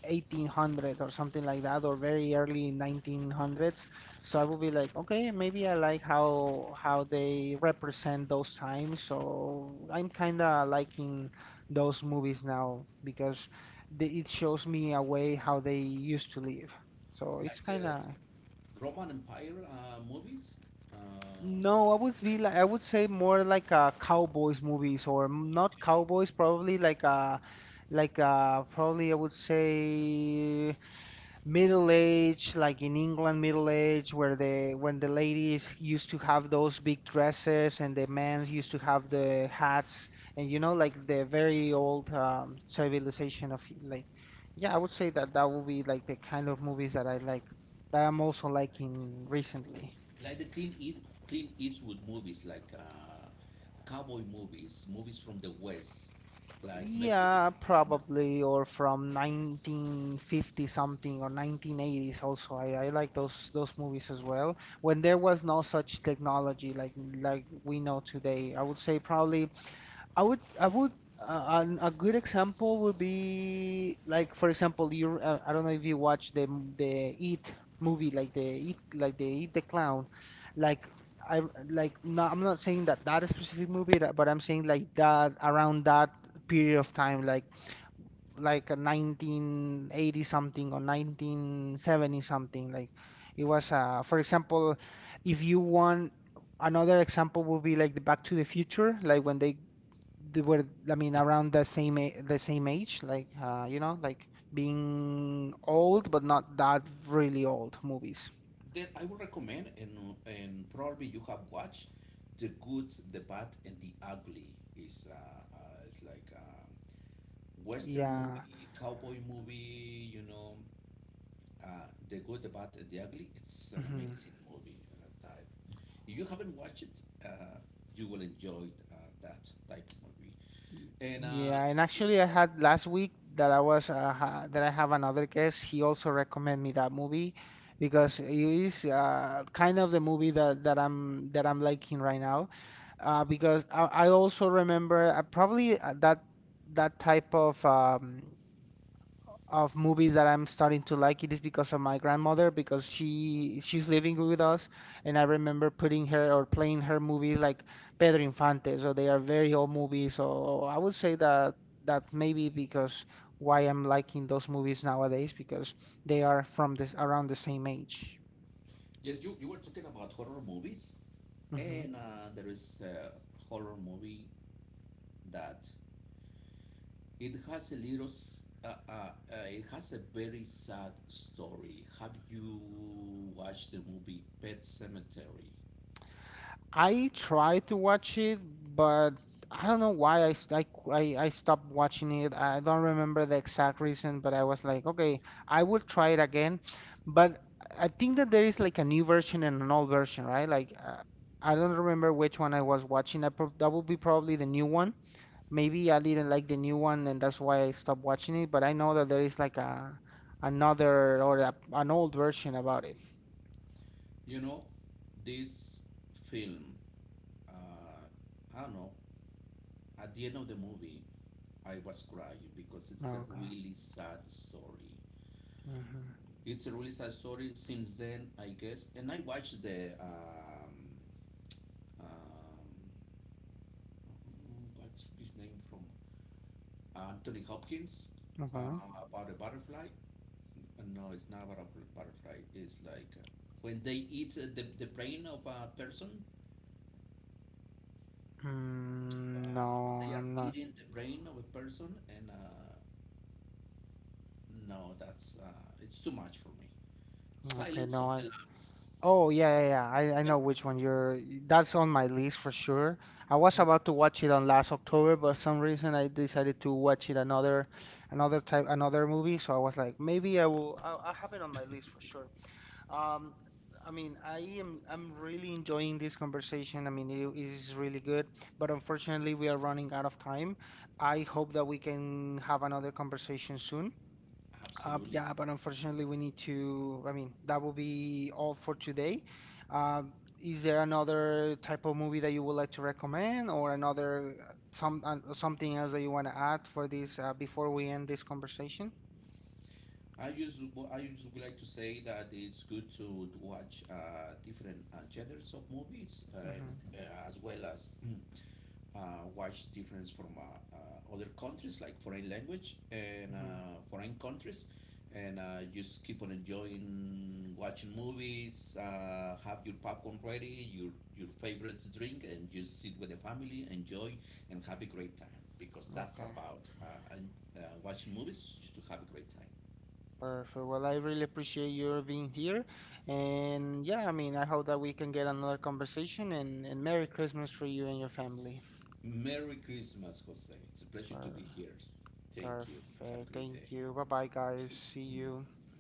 eighteen hundreds or something like that, or very early nineteen hundreds. So I would be like, okay, maybe I like how how they represent those times. So I'm kind of liking those movies now because they, it shows me a way how they used to live. So
Like
it's kind
the
of
Roman Empire uh, movies. uh,
No, I would
i
be
know
like I would say more like uh, cowboys movies or m- not cowboys, probably like uh like uh probably I would say middle age, like in England middle age where the when the ladies used to have those big dresses and the men used to have the hats and you know like the very old um, civilization of like yeah, I would say that that would be like the kind of movies that I like that I'm also liking recently.
like the clean Eat, Clean Eastwood movies, like uh, cowboy movies movies from the west, like maybe you remember.
Yeah, probably, or from nineteen fifty something or nineteen eighties also. I, I like those those movies as well. When there was no such technology like like we know today, I would say probably I would, I would, uh, an, a good example would be like, for example, you. Uh, I don't know if you watch the m- the Eat movie, like the Eat, like the Eat the Clown. Like I like no, I'm not saying that that specific movie, that- but I'm saying like that around that period of time, like like a nineteen eighty something or nineteen seventy something. Like it was, uh, for example, if you want. Another example would be like the Back to the Future, like when they they were I mean around the same a- the same age, like uh, you know, like being old but not that really old movies.
Then I would recommend, and and probably you have watched, the good, the bad, and the ugly. Is uh, uh, It's like a western
Yeah.
movie, cowboy movie. You know, uh, the good, the bad, and the ugly. It's an
Hmm.
amazing movie. Uh, type. If you haven't watched it, uh, you will enjoy uh, that type of movie. And uh,
Yeah, and
talking
actually I
about
had last week that I was uh, ha that I have another guest. He also recommended me that movie because it is uh, kind of the movie that, that I'm that I'm liking right now. Uh, because I, I also remember uh, probably uh, that that type of um, of movies that I'm starting to like it is because of my grandmother because she she's living with us and I remember putting her or playing her movies like Pedro Infante, so they are very old movies, so I would say that that maybe because why I'm liking those movies nowadays because they are from this around the same age.
Yes, you you were talking about horror movies,
Mm-hmm.
and uh, there is a horror movie that, it has a little, s- uh, uh, uh, it has a very sad story. Have you watched the movie Pet Sematary?
I tried to watch it, but I don't know why I, st- I, qu- I, I stopped watching it. I don't remember the exact reason, but I was like, okay, I will try it again. But I think that there is like a new version and an old version, right? Like, uh, I don't remember which one I was watching. I prob that would be probably the new one. Maybe I didn't like the new one, and that's why I stopped watching it. But I know that there is like a another or a, an old version about it.
You know, this film, uh, I don't know, at the end of the movie, I was crying because it's a
Okay.
really sad story.
Hmm.
It's a really sad story. Since then, I guess, And I watched the, um, um, what's this name from? Anthony Hopkins, uh,
Okay.
about a butterfly. Uh, No, it's not about a butterfly. It's like, uh, when they eat uh, the, the brain of a person,
Mm,
uh, when
no,
they are
I'm not.
eating the brain of a person, and uh, no, that's uh, it's too much for me.
Okay,
Silence
no.
of the
I,
Lambs.
oh, yeah, yeah, yeah. I, I
Silence of
know which one you're.
the
That's on my list for sure. I was
Lambs.
about to watch it on last October, but some reason I decided to watch it another, another type, another movie. So I was like, maybe I will. I'll, I'll have it on my list for sure. Um, I mean, I am. I'm really enjoying this conversation. I mean, it, it is really good. But unfortunately, we are running out of time. I hope that we can have another conversation soon. Uh,
Absolutely.
yeah, but unfortunately, we need to. I mean, that will be all for today. Um, is there another type of movie that you would like to recommend, or another uh, some uh, something else that you want to add for this uh, before we end this conversation?
I used I used to like to say that it's good to watch uh, different uh, genres of movies, and
Mm-hmm.
uh, as well as mm, uh, what's difference from uh, uh, other countries, like foreign language and
Mm-hmm.
uh, foreign countries, and uh, just keep on enjoying watching movies. Uh, have your popcorn ready, your your favorite drink, and just sit with the family, enjoy and have a great time. Because that's
Okay.
about uh, and, uh, watching movies just to have a great time.
Perfect. Well, I really appreciate your being here, and yeah, I mean, I hope that we can get another conversation, and and Merry Christmas for you and your family.
Merry Christmas, Jose. It's a pleasure to be
Per
here. Thank you. Have a
perfect.
great
Thank
day.
you. Bye bye, guys. See you.
Mm.